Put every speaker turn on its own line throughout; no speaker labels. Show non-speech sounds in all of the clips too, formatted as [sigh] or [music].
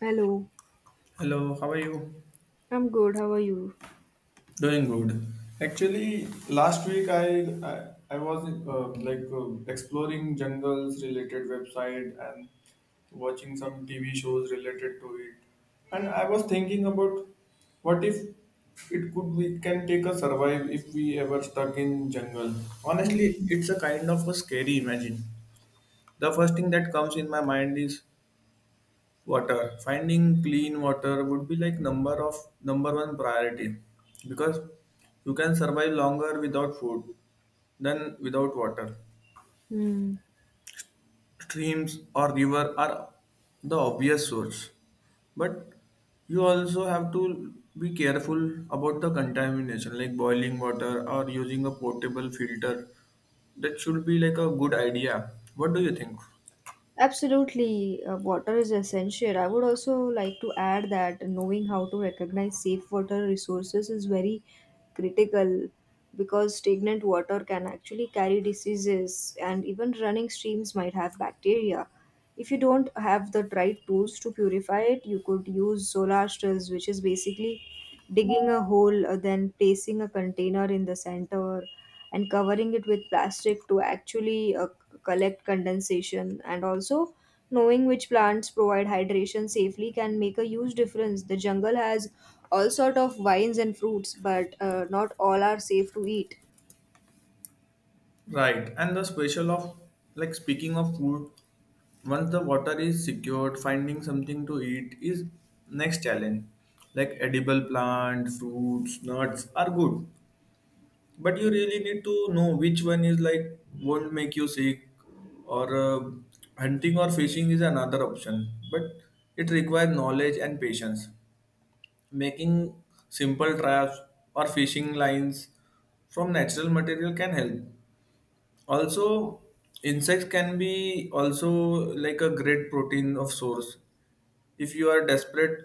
Hello,
Hello, how are you?
I'm good. How are you?
Doing good. Actually, last week I, I was exploring jungles related website and watching some TV shows related to it, and I was thinking about what if it could we can take a survive if we ever stuck in jungle.
Hmm.
Honestly, it's a kind of a scary imagine. The first thing that comes in my mind is water. Finding clean water would be like number one priority because you can survive longer without food than without water.
Hmm.
Streams or river are the obvious source, but you also have to be careful about the contamination like boiling water or using a portable filter. That should be like a good idea. What do you think?
Absolutely, water is essential. I would also like to add that knowing how to recognize safe water resources is very critical because stagnant water can actually carry diseases, and even running streams might have bacteria. If you don't have the right tools to purify it, you could use solar stills, which is basically digging a hole, then placing a container in the center and covering it with plastic to actually collect condensation, and also knowing which plants provide hydration safely can make a huge difference. The jungle has all sort of vines and fruits, but not all are safe to eat.
Right, and the special of like speaking of food, once the water is secured, finding something to eat is next challenge. Like edible plant, fruits, nuts are good, but you really need to know which one is like won't make you sick, or hunting or fishing is another option, but it requires knowledge and patience. Making simple traps or fishing lines from natural material can help also insects can be also like a great protein of source if you are desperate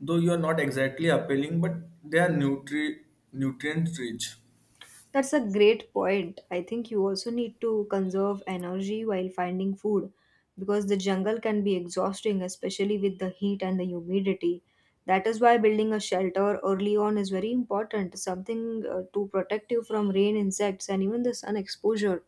though you are not exactly appealing but they are nutrient rich
That's a great point. I think you also need to conserve energy while finding food because the jungle can be exhausting, especially with the heat and the humidity. That is why building a shelter early on is very important, something to protect you from rain, insects, and even the sun exposure.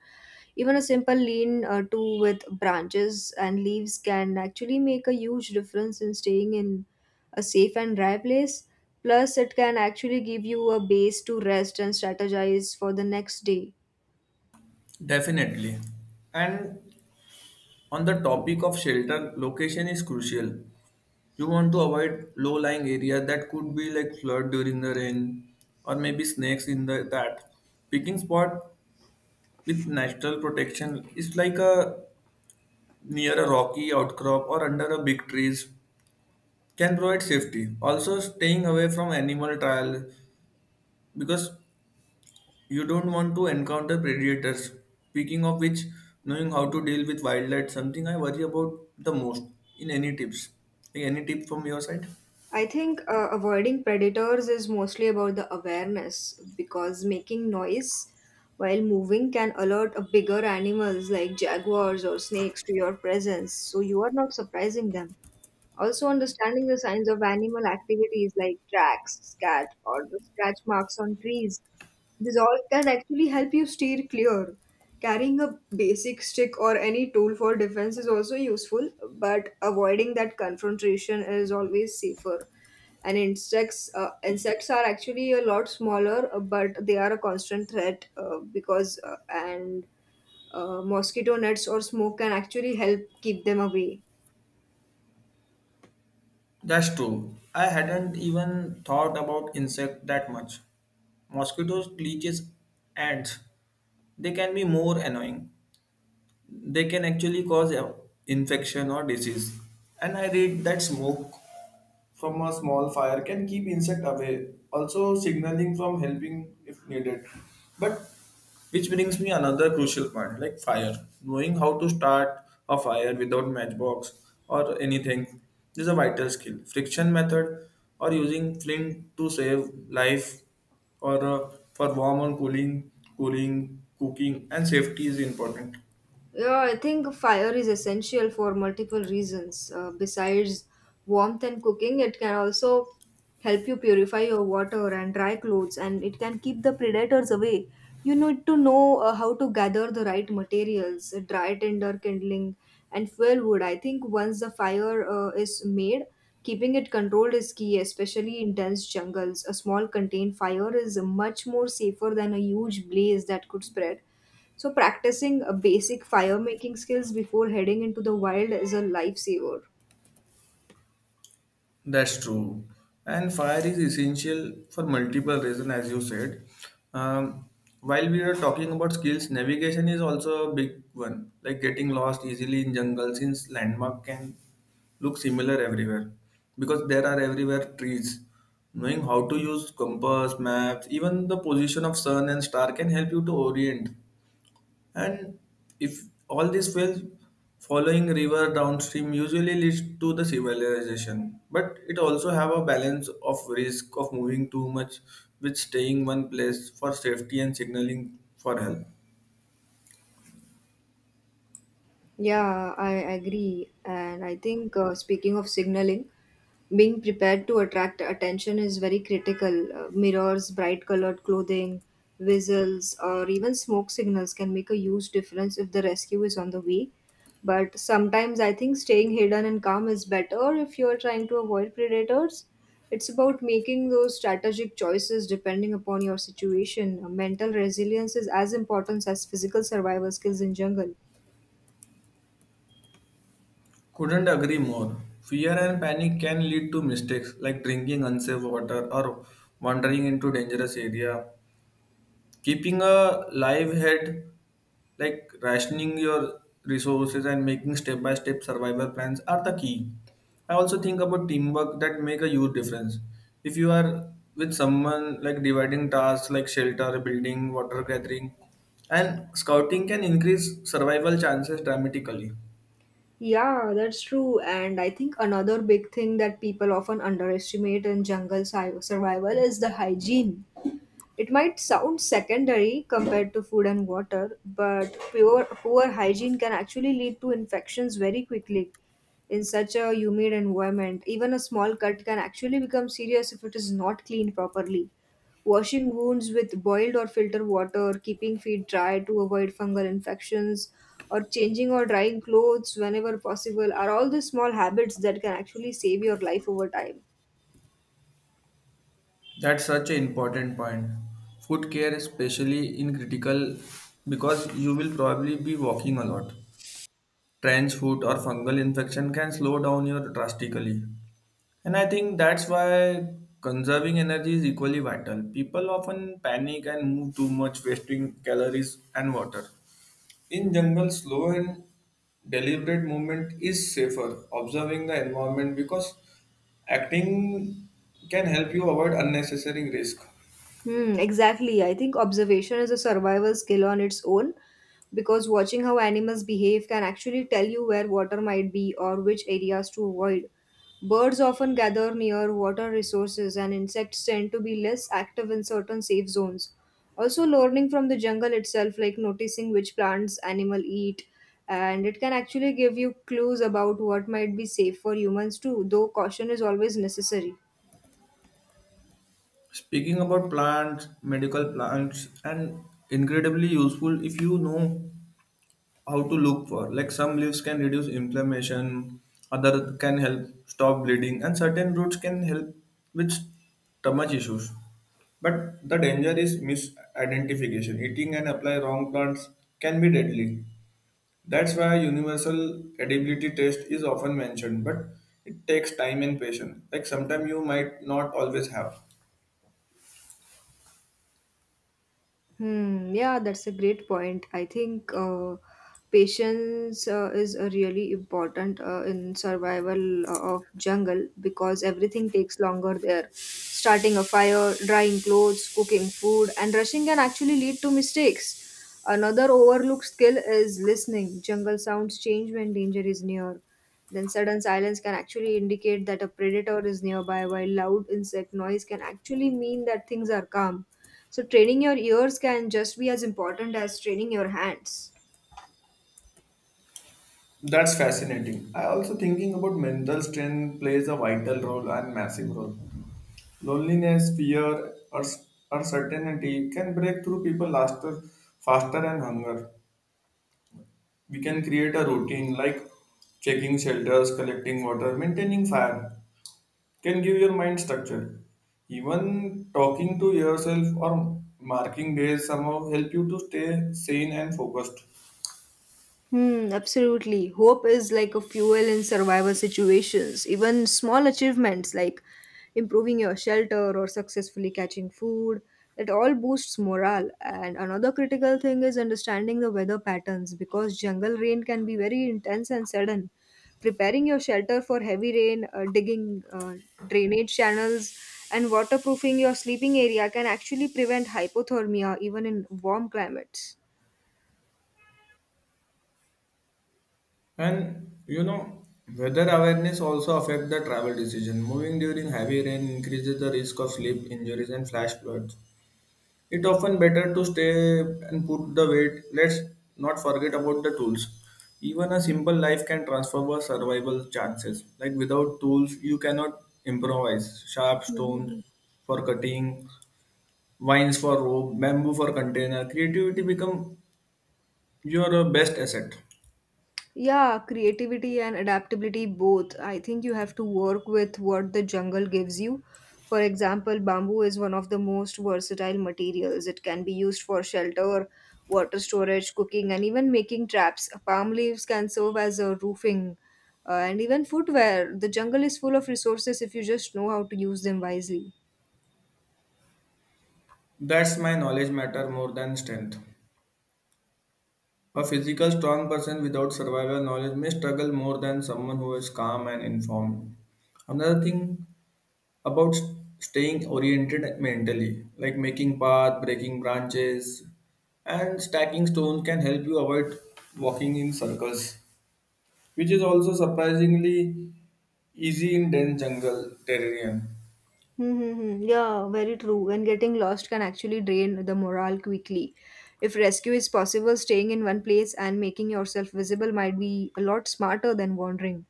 Even a simple lean to with branches and leaves can actually make a huge difference in staying in a safe and dry place. Plus, it can actually give you a base to rest and strategize for the next day.
definitely and on the topic of shelter location is crucial you want to avoid low lying area that could be like flood during the rain or maybe snakes in the that picking spot with natural protection is like a near a rocky outcrop or under a big trees can provide safety. Also, staying away from animal trial because you don't want to encounter predators. Speaking of which, knowing how to deal with wildlife something I worry about the most. In any tips, like, any tip from your side?
I think avoiding predators is mostly about the awareness, because making noise while moving can alert a bigger animals like jaguars or snakes to your presence, so you are not surprising them. Also, understanding the signs of animal activities like tracks, scat, or the scratch marks on trees, this all can actually help you steer clear. Carrying a basic stick or any tool for defense is also useful, but avoiding that confrontation is always safer. And insects, insects are actually a lot smaller, but they are a constant threat because and mosquito nets or smoke can actually help keep them away.
That's true. I hadn't even thought about insect that much. Mosquitoes, leeches, ants. They can be more annoying. They can actually cause infection or disease and I read that smoke from a small fire can keep insect away also signaling from helping if needed but which brings me another crucial point like fire knowing how to start a fire without matchbox or anything is a vital skill friction method or using flint to save life or for warm and cooling cooking and safety is important.
Yeah, I think fire is essential for multiple reasons. Besides warmth and cooking, it can also help you purify your water and dry clothes, and it can keep the predators away. You need to know how to gather the right materials, dry tinder, kindling, and fuel wood. I think once the fire is made, keeping it controlled is key, especially in dense jungles. A small contained fire is much more safer than a huge blaze that could spread, so practicing basic fire making skills before heading into the wild is a lifesaver.
That's true. And fire is essential for multiple reasons, as you said. Um, while we are talking about skills, navigation is also a big one, like getting lost easily in jungle since landmark can look similar everywhere because there are everywhere trees. Knowing how to use compass, maps, even the position of sun and star can help you to orient and if all these wells following river downstream usually leads to the civilization, but it also have a balance of risk of moving too much with staying one place for safety and signaling for help.
Yeah, I agree. And I think speaking of signaling, being prepared to attract attention is very critical. Mirrors, bright colored clothing, whistles, or even smoke signals can make a huge difference if the rescue is on the way. But sometimes I think staying hidden and calm is better if you're trying to avoid predators. It's about making those strategic choices depending upon your situation. Mental resilience is as important as physical survival skills in jungle.
Couldn't agree more. Fear and panic can lead to mistakes like drinking unsafe water or wandering into dangerous area keeping a live head like rationing your resources and making step by step survival plans are the key I also think about teamwork that make a huge difference if you are with someone like dividing tasks like shelter building water gathering and scouting can increase survival chances dramatically.
Yeah, that's true. And I think another big thing that people often underestimate in jungle survival is the hygiene. It might sound secondary compared to food and water, but pure, poor hygiene can actually lead to infections very quickly in such a humid environment. Even a small cut can actually become serious if it is not cleaned properly. Washing wounds with boiled or filtered water, keeping feet dry to avoid fungal infections, or changing or drying clothes whenever possible are all the small habits that can actually save your life over time.
That's such an important point food care especially in critical because you will probably be walking a lot. Trench foot or fungal infection can slow down your drastically. And I think that's why conserving energy is equally vital. People often panic and move too much, wasting calories and water. In jungle, slow and deliberate movement is safer. Observing the environment because acting can help you avoid unnecessary risk.
Hmm, exactly. I think observation is a survival skill on its own because watching how animals behave can actually tell you where water might be or which areas to avoid. Birds often gather near water resources, and insects tend to be less active in certain safe zones. Also, learning from the jungle itself, like noticing which plants animal eat, and it can actually give you clues about what might be safe for humans too, though caution is always necessary.
Speaking about plants, medical plants, and incredibly useful if you know how to look for. Like some leaves can reduce inflammation, other can help stop bleeding, and certain roots can help with stomach issues. But the danger is misidentification. Eating and apply wrong plants can be deadly. That's why universal edibility test is often mentioned, but it takes time and patience. Like sometimes you might not always have.
Hmm, yeah, that's a great point. I think patience is really important in survival of jungle, because everything takes longer there. Starting a fire, drying clothes, cooking food, and rushing can actually lead to mistakes. Another overlooked skill is listening. Jungle sounds change when danger is near. Then sudden silence can actually indicate that a predator is nearby, while loud insect noise can actually mean that things are calm, so training your ears can just be as important as training your hands.
That's fascinating. I also thinking about mental strength plays a vital role and massive role. Loneliness, fear, or uncertainty can break through people faster, faster and hunger. We can create a routine like checking shelters, collecting water, maintaining fire can give your mind structure. Even talking to yourself or marking days somehow help you to stay sane and focused.
Hmm, absolutely. Hope is like a fuel in survival situations. Even small achievements like improving your shelter or successfully catching food, it all boosts morale. And another critical thing is understanding the weather patterns because jungle rain can be very intense and sudden. Preparing your shelter for heavy rain, digging drainage channels, and waterproofing your sleeping area can actually prevent hypothermia even in warm climates.
And you know, weather awareness also affect the travel decision. Moving during heavy rain increases the risk of sleep injuries and flash floods. It often better to stay and put the weight. Let's not forget about the tools. Even a simple life can transform our survival chances. Like without tools, you cannot improvise. Sharp stones
[laughs]
for cutting, vines for rope, bamboo for container. Creativity become your best asset.
Yeah, creativity and adaptability both. I think you have to work with what the jungle gives you. For example, bamboo is one of the most versatile materials. It can be used for shelter, water storage, cooking, and even making traps. Palm leaves can serve as a roofing and even footwear. The jungle is full of resources if you just know how to use them wisely.
That's my knowledge matter more than strength. A physical strong person without survival knowledge may struggle more than someone who is calm and informed. Another thing about staying oriented mentally, like making path, breaking branches, and stacking stones can help you avoid walking in circles, which is also surprisingly easy in dense jungle terrain.
Hmm, hmm, hmm. Yeah, very true. And getting lost can actually drain the morale quickly. If rescue is possible, staying in one place and making yourself visible might be a lot smarter than wandering.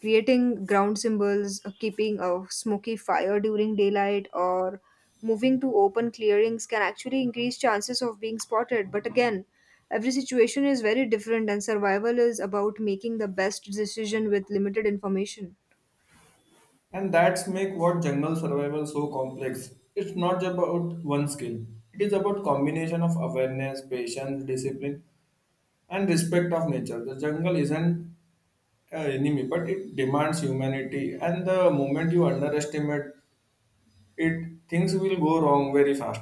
Creating ground symbols, keeping a smoky fire during daylight, or moving to open clearings can actually increase chances of being spotted. But again, every situation is very different, and survival is about making the best decision with limited information.
And that's make what jungle survival so complex. It's not about one skill. It is about combination of awareness, patience, discipline, and respect of nature. The jungle isn't an enemy, but it demands humanity. And the moment you underestimate it things will go wrong very fast.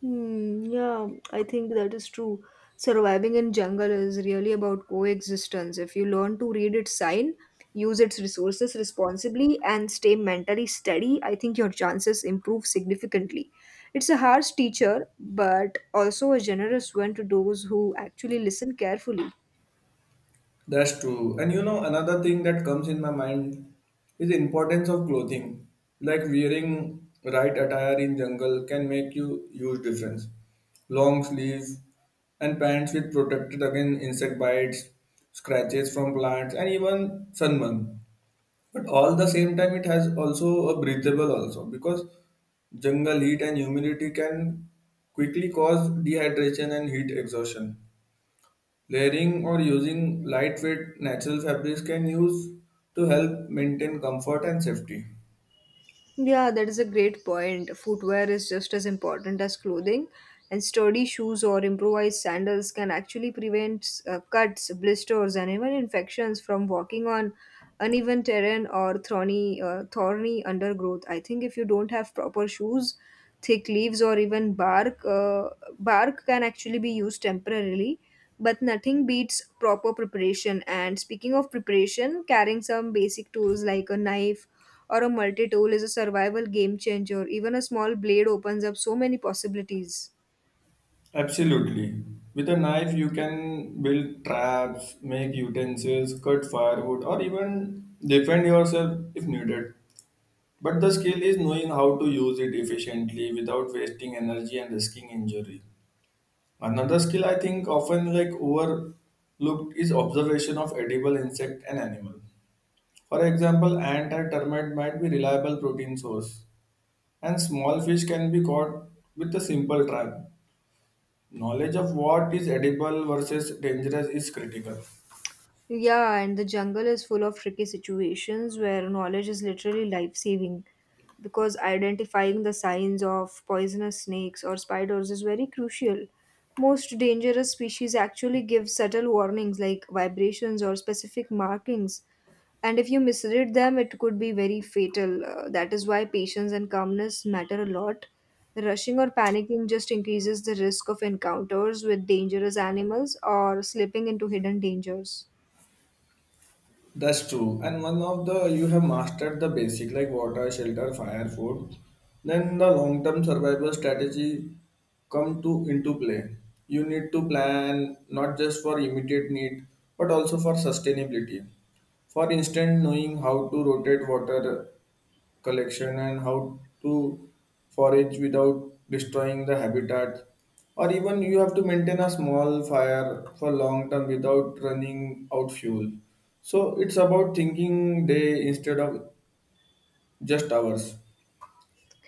Hmm, yeah, I think that is true. Surviving in jungle is really about coexistence. If you learn to read its sign, use its resources responsibly, and stay mentally steady, I think your chances improve significantly. It's a harsh teacher, but also a generous one to those who actually listen carefully.
That's true. And you know, another thing that comes in my mind is the importance of clothing. Like wearing right attire in jungle can make you huge difference. Long sleeves and pants with protected against insect bites, scratches from plants, and even sunburn. But all the same time, it has also a breathable also because jungle heat and humidity can quickly cause dehydration and heat exhaustion. Layering or using lightweight natural fabrics can use to help maintain comfort and safety.
Yeah, that is a great point. Footwear is just as important as clothing, and sturdy shoes or improvised sandals can actually prevent cuts, blisters, and even infections from walking on uneven terrain or thorny undergrowth. I think if you don't have proper shoes, thick leaves or even bark, bark can actually be used temporarily. But nothing beats proper preparation. And speaking of preparation, carrying some basic tools like a knife or a multi-tool is a survival game changer. Even a small blade opens up so many possibilities.
Absolutely. With a knife, you can build traps, make utensils, cut firewood, or even defend yourself if needed. But the skill is knowing how to use it efficiently without wasting energy and risking injury. Another skill I think often like overlooked is observation of edible insect and animal. For example, ant and termite might be reliable protein source, and small fish can be caught with a simple trap. Knowledge of what is edible versus dangerous is critical.
Yeah, and the jungle is full of tricky situations where knowledge is literally life saving because identifying the signs of poisonous snakes or spiders is very crucial. Most dangerous species actually give subtle warnings like vibrations or specific markings, and if you misread them, it could be very fatal. That is why patience and calmness matter a lot. Rushing or panicking just increases the risk of encounters with dangerous animals or slipping into hidden dangers.
That's true. And one of the you have mastered the basic like water, shelter, fire, food. Then the long term survival strategy come to into play. You need to plan not just for immediate need but also for sustainability. For instance, knowing how to rotate water collection and how to forage without destroying the habitat or even you have to maintain a small fire for long term without running out fuel so it's about thinking day instead of just hours.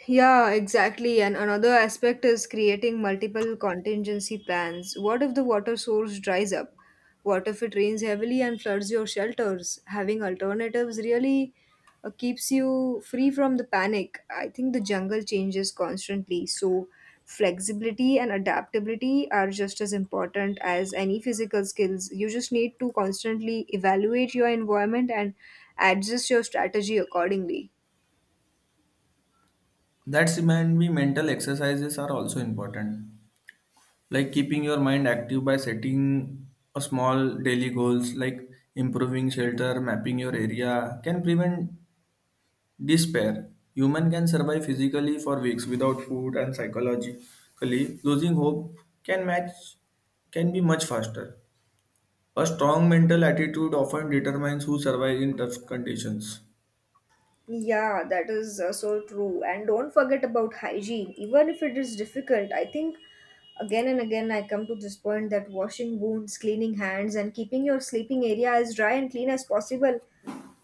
Yeah, exactly. And another aspect is creating multiple contingency plans. What if the water source dries up? What if it rains heavily and floods your shelters? Having alternatives really keeps you free from the panic. I think the jungle changes constantly, so flexibility and adaptability are just as important as any physical skills. You just need to constantly evaluate your environment and adjust your strategy accordingly.
That's reminds me mental exercises are also important like keeping your mind active by setting a small daily goals like improving shelter mapping your area can prevent despair. Human can survive physically for weeks without food and psychologically losing hope can match can be much faster. A strong mental attitude often determines who survives in tough conditions.
Yeah, that is so true. And don't forget about hygiene. Even if it is difficult, I think again and again I come to this point that washing wounds, cleaning hands, and keeping your sleeping area as dry and clean as possible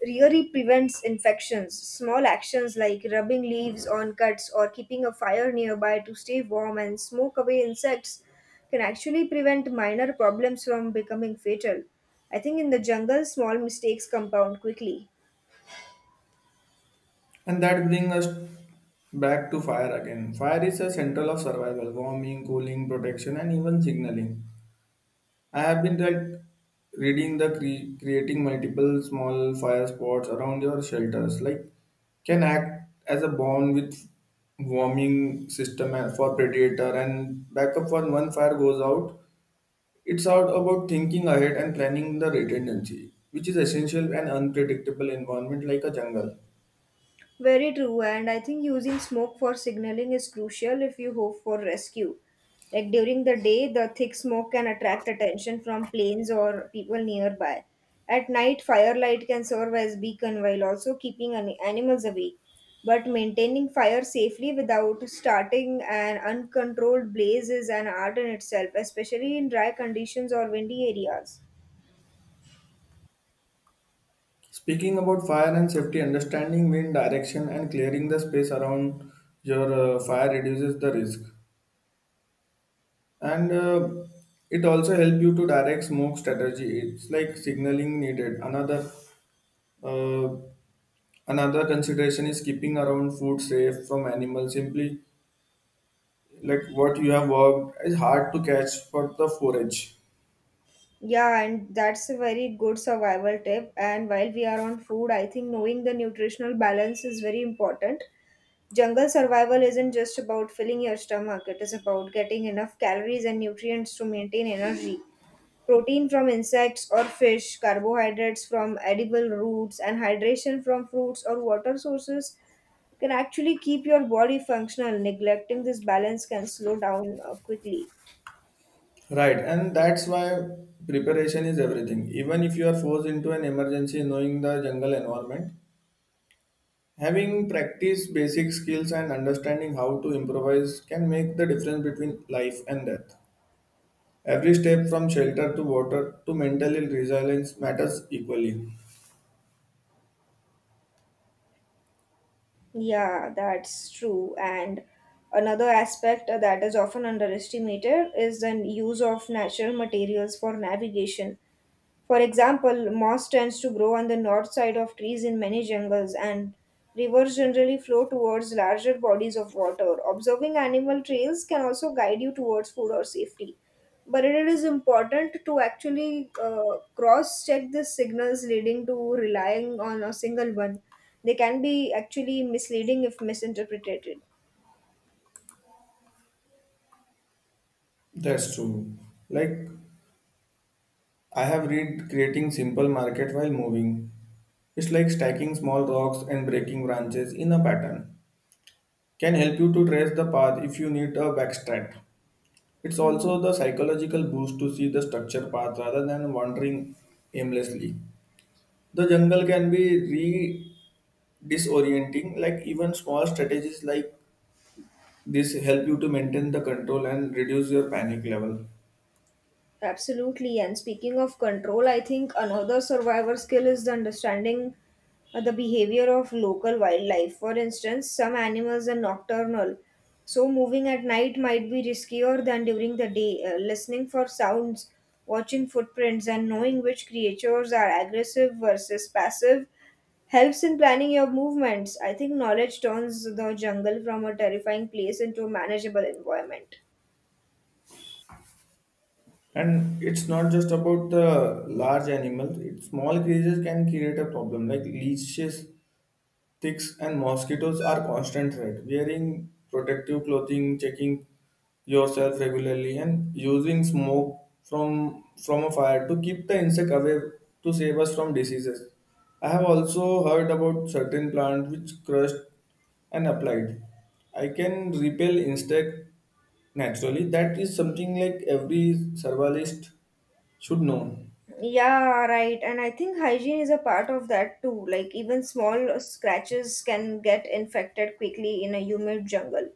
really prevents infections. Small actions like rubbing leaves on cuts or keeping a fire nearby to stay warm and smoke away insects can actually prevent minor problems from becoming fatal. I think in the jungle, small mistakes compound quickly.
And that brings us back to fire again. Fire is a central of survival, warming, cooling, protection, and even signaling. I have been like reading the creating multiple small fire spots around your shelters, like can act as a bond with warming system and- for predator and backup when one fire goes out. It's out about thinking ahead and planning the redundancy, which is essential and unpredictable environment like a jungle.
Very true, and I think using smoke for signaling is crucial if you hope for rescue. Like during the day, the thick smoke can attract attention from planes or people nearby. At night, firelight can serve as beacon while also keeping animals away. But maintaining fire safely without starting an uncontrolled blaze is an art in itself, especially in dry conditions or windy areas.
Speaking about fire and safety, understanding wind direction and clearing the space around your fire reduces the risk. And it also help you to direct smoke strategy it's like signaling needed uh, another consideration is keeping around food safe from animals simply like what you have worked is hard to catch for the forage
Yeah, and that's a very good survival tip. And while we are on food, I think knowing the nutritional balance is very important. Jungle survival isn't just about filling your stomach, it is about getting enough calories and nutrients to maintain energy. Protein from insects or fish, carbohydrates from edible roots, and hydration from fruits or water sources can actually keep your body functional. Neglecting this balance can slow down quickly.
right and that's why preparation is everything even if you are forced into an emergency knowing the jungle environment having practiced basic skills and understanding how to improvise can make the difference between life and death. Every step from shelter to water to mental health resilience matters equally.
Yeah, that's true. And another aspect that is often underestimated is the use of natural materials for navigation. For example, moss tends to grow on the north side of trees in many jungles, and rivers generally flow towards larger bodies of water. Observing animal trails can also guide you towards food or safety. But it is important to actually cross check the signals leading to relying on a single one. They can be actually misleading if misinterpreted.
That's true. Like I have read creating simple market while moving. It's like stacking small rocks and breaking branches in a pattern. Can help you to trace the path if you need a backstrap. It's
Mm.
also the psychological boost to see the structure path rather than wandering aimlessly. The jungle can be re disorienting, like even small strategies like this help you to maintain the control and reduce your panic level.
Absolutely. And speaking of control, I think another survivor skill is the understanding the behavior of local wildlife. For instance, some animals are nocturnal, so moving at night might be riskier than during the day. Listening for sounds, watching footprints, and knowing which creatures are aggressive versus passive helps in planning your movements. I think knowledge turns the jungle from a terrifying place into a manageable environment.
And it's not just about the large animals, it, small creatures can create a problem like leashes ticks and mosquitoes are constant threat. Wearing protective clothing, checking yourself regularly, and using smoke from a fire to keep the insect away to save us from diseases. I have also heard about certain plants which crushed and applied. I can repel insect naturally. That is something like every survivalist should know.
Yeah, right. And I think hygiene is a part of that too. Like, even small scratches can get infected quickly in a humid jungle.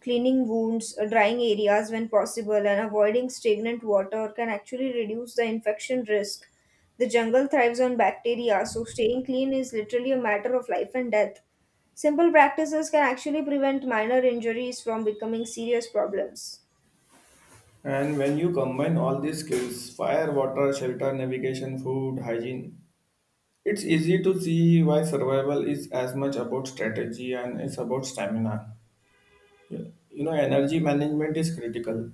Cleaning wounds, drying areas when possible, and avoiding stagnant water can actually reduce the infection risk. The jungle thrives on bacteria, so staying clean is literally a matter of life and death. Simple practices can actually prevent minor injuries from becoming serious problems.
And when you combine all these skills fire, water, shelter, navigation, food, hygiene, it's easy to see why survival is as much about strategy and it's about stamina. Energy management is critical.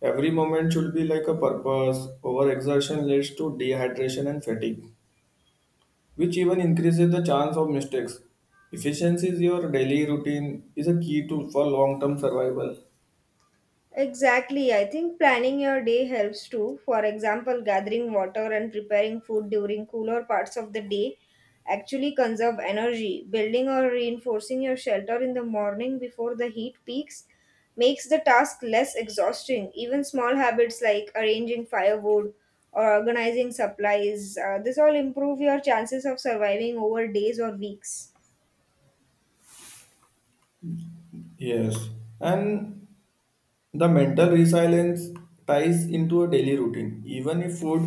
Every moment should be like a purpose. Overexertion leads to dehydration and fatigue, which even increases the chance of mistakes. Efficiency is your daily routine is a key to for long-term survival.
Exactly. I think planning your day helps too. For example, gathering water and preparing food during cooler parts of the day actually conserve energy. Building or reinforcing your shelter in the morning before the heat peaks makes the task less exhausting. Even small habits like arranging firewood or organizing supplies, this all improve your chances of surviving over days or weeks.
Yes, and the mental resilience ties into a daily routine even if food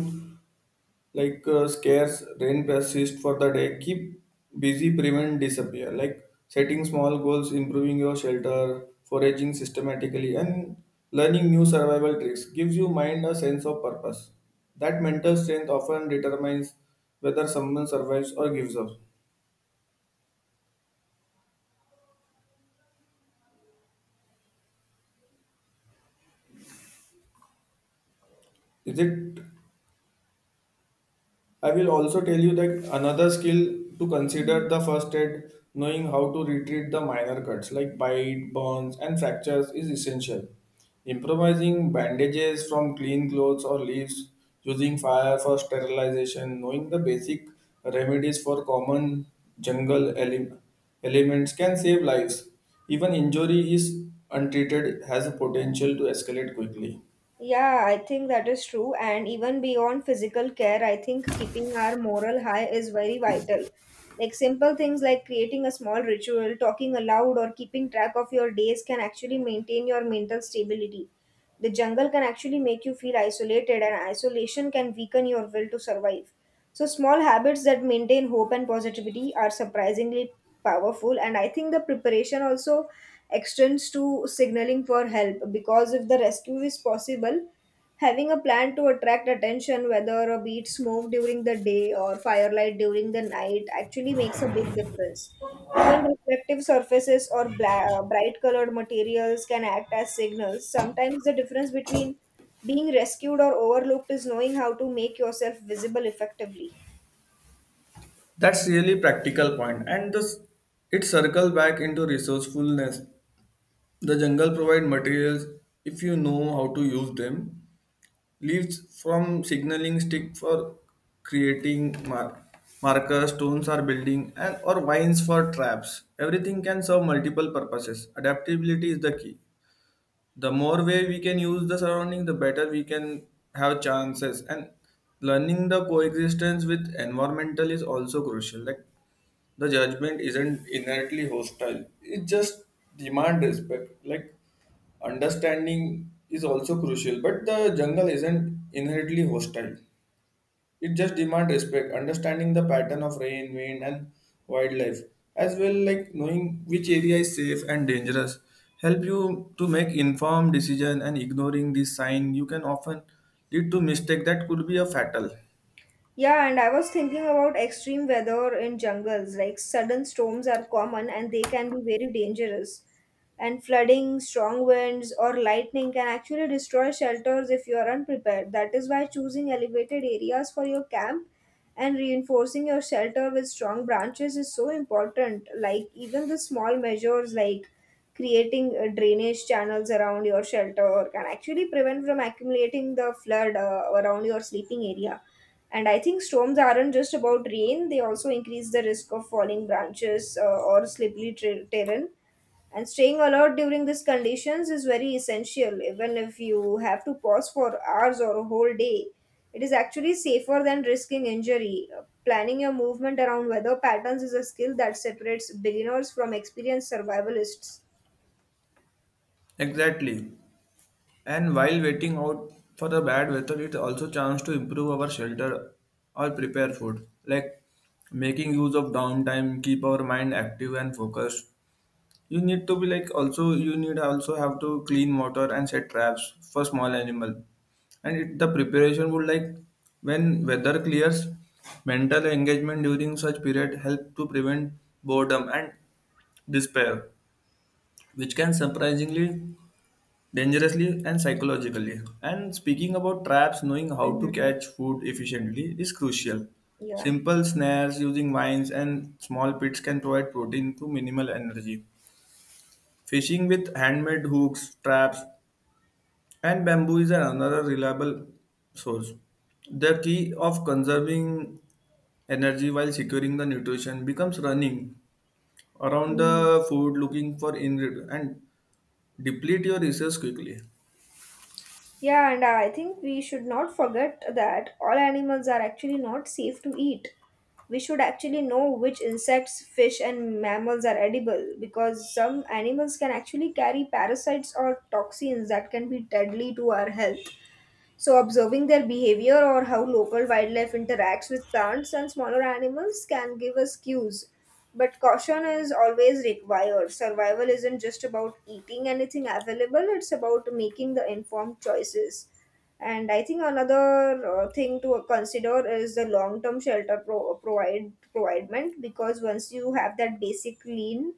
like scarce rain persist for the day keep busy prevent disappear like setting small goals, improving your shelter, foraging systematically, and learning new survival tricks gives you mind a sense of purpose. That mental strength often determines whether someone survives or gives up. Is it? I will also tell you that another skill to consider
Mhm.
the first aid, knowing how to retreat the minor cuts like bite, burns, and fractures is essential. Improvising bandages from clean clothes or leaves, using fire for sterilization, knowing the basic remedies for common jungle elements can save lives. Even injury is untreated has a potential to escalate quickly.
Yeah, I think that is true. And even beyond physical care, I think keeping our moral high is very vital. Like simple things like creating a small ritual, talking aloud, or keeping track of your days can actually maintain your mental stability. The jungle can actually make you feel isolated, and isolation can weaken your will to survive. So, small habits that maintain hope and positivity are surprisingly powerful. And I think the preparation also extends to signaling for help because if the rescue is possible, having a plan to attract attention, whether a beat smoke during the day or firelight during the night, actually makes a big difference. Even reflective surfaces or bright colored materials can act as signals. Sometimes the difference between being rescued or overlooked is knowing how to make yourself visible effectively.
That's really practical point, and this it circle back into resourcefulness. The jungle provide materials if you know how to use them. Leaves from signaling stick for creating markers, stones are building, and or vines for traps. Everything can serve multiple purposes. Adaptability is the key the more way we can use the surrounding the better we can have chances, and learning the coexistence with environmental is also crucial like the judgment isn't inherently hostile, it just demand respect like understanding is also crucial but the jungle isn't inherently hostile, it just demands respect, understanding the pattern of rain, wind, and wildlife, as well like knowing which area is safe and dangerous. Help you to make informed decision and ignoring this sign you can often lead to mistake that could be a fatal.
Yeah, and I was thinking about extreme weather in jungles. Like sudden storms are common and they can be very dangerous. And flooding, strong winds, or lightning can actually destroy shelters if you are unprepared. That is why choosing elevated areas for your camp and reinforcing your shelter with strong branches is so important. Like even the small measures like creating drainage channels around your shelter can actually prevent from accumulating the flood around your sleeping area. And I think storms aren't just about rain, they also increase the risk of falling branches or terrain. And staying alert during these conditions is very essential, even if you have to pause for hours or a whole day. It is actually safer than risking injury. Planning your movement around weather patterns is a skill that separates beginners from experienced survivalists.
Exactly. And while waiting out for the bad weather, it also chance to improve our shelter or prepare food. Like making use of downtime, keep our mind active and focused. You need to be like also you need also have to clean water and set traps for small animal. And it, the preparation would like when weather clears, mental engagement during such period help to prevent boredom and despair, which can surprisingly dangerously and psychologically. And speaking about traps, knowing how to
Mhm.
catch food efficiently is crucial.
Yeah.
Simple snares using vines and small pits can provide protein to minimal energy. Fishing with handmade hooks, traps, and bamboo is another reliable source. The key of conserving energy while securing the nutrition becomes running around
Mm.
the food looking for ingredient and deplete your resource quickly.
Yeah, and I think we should not forget that all animals are actually not safe to eat. We should actually know which insects, fish, and mammals are edible because some animals can actually carry parasites or toxins that can be deadly to our health. So, observing their behavior or how local wildlife interacts with plants and smaller animals can give us cues. But caution is always required. Survival isn't just about eating anything available, it's about making the informed choices. And I think another thing to consider is the long-term shelter providement because once you have that basic clean,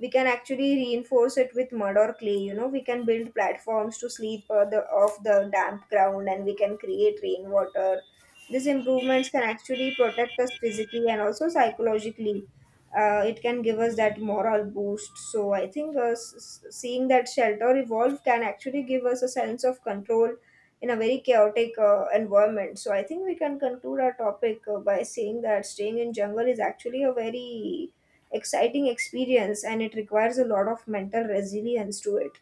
we can actually reinforce it with mud or clay. You know, we can build platforms to sleep, off the damp ground, and we can create rainwater. These improvements can actually protect us physically and also psychologically. Uh, it can give us that moral boost. So I think seeing that shelter evolve can actually give us a sense of control in a very chaotic environment. So I think we can conclude our topic by saying that staying in jungle is actually a very exciting experience and it requires a lot of mental resilience to it.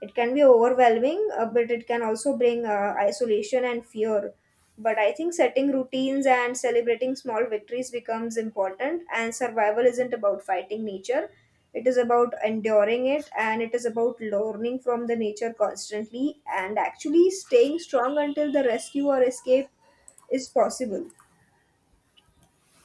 It can be overwhelming, but it can also bring isolation and fear. But I think setting routines and celebrating small victories becomes important, and survival isn't about fighting nature. It is about enduring it and it is about learning from the nature constantly and actually staying strong until the rescue or escape is possible.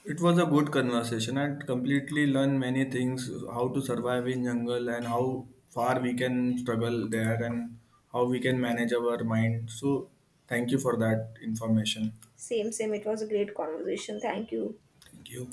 It was a good conversation and completely learn many things how to survive in jungle and how far we can struggle there and how we can manage our mind. So thank you for that information.
Same, same. It was a great conversation. Thank you.
Thank you.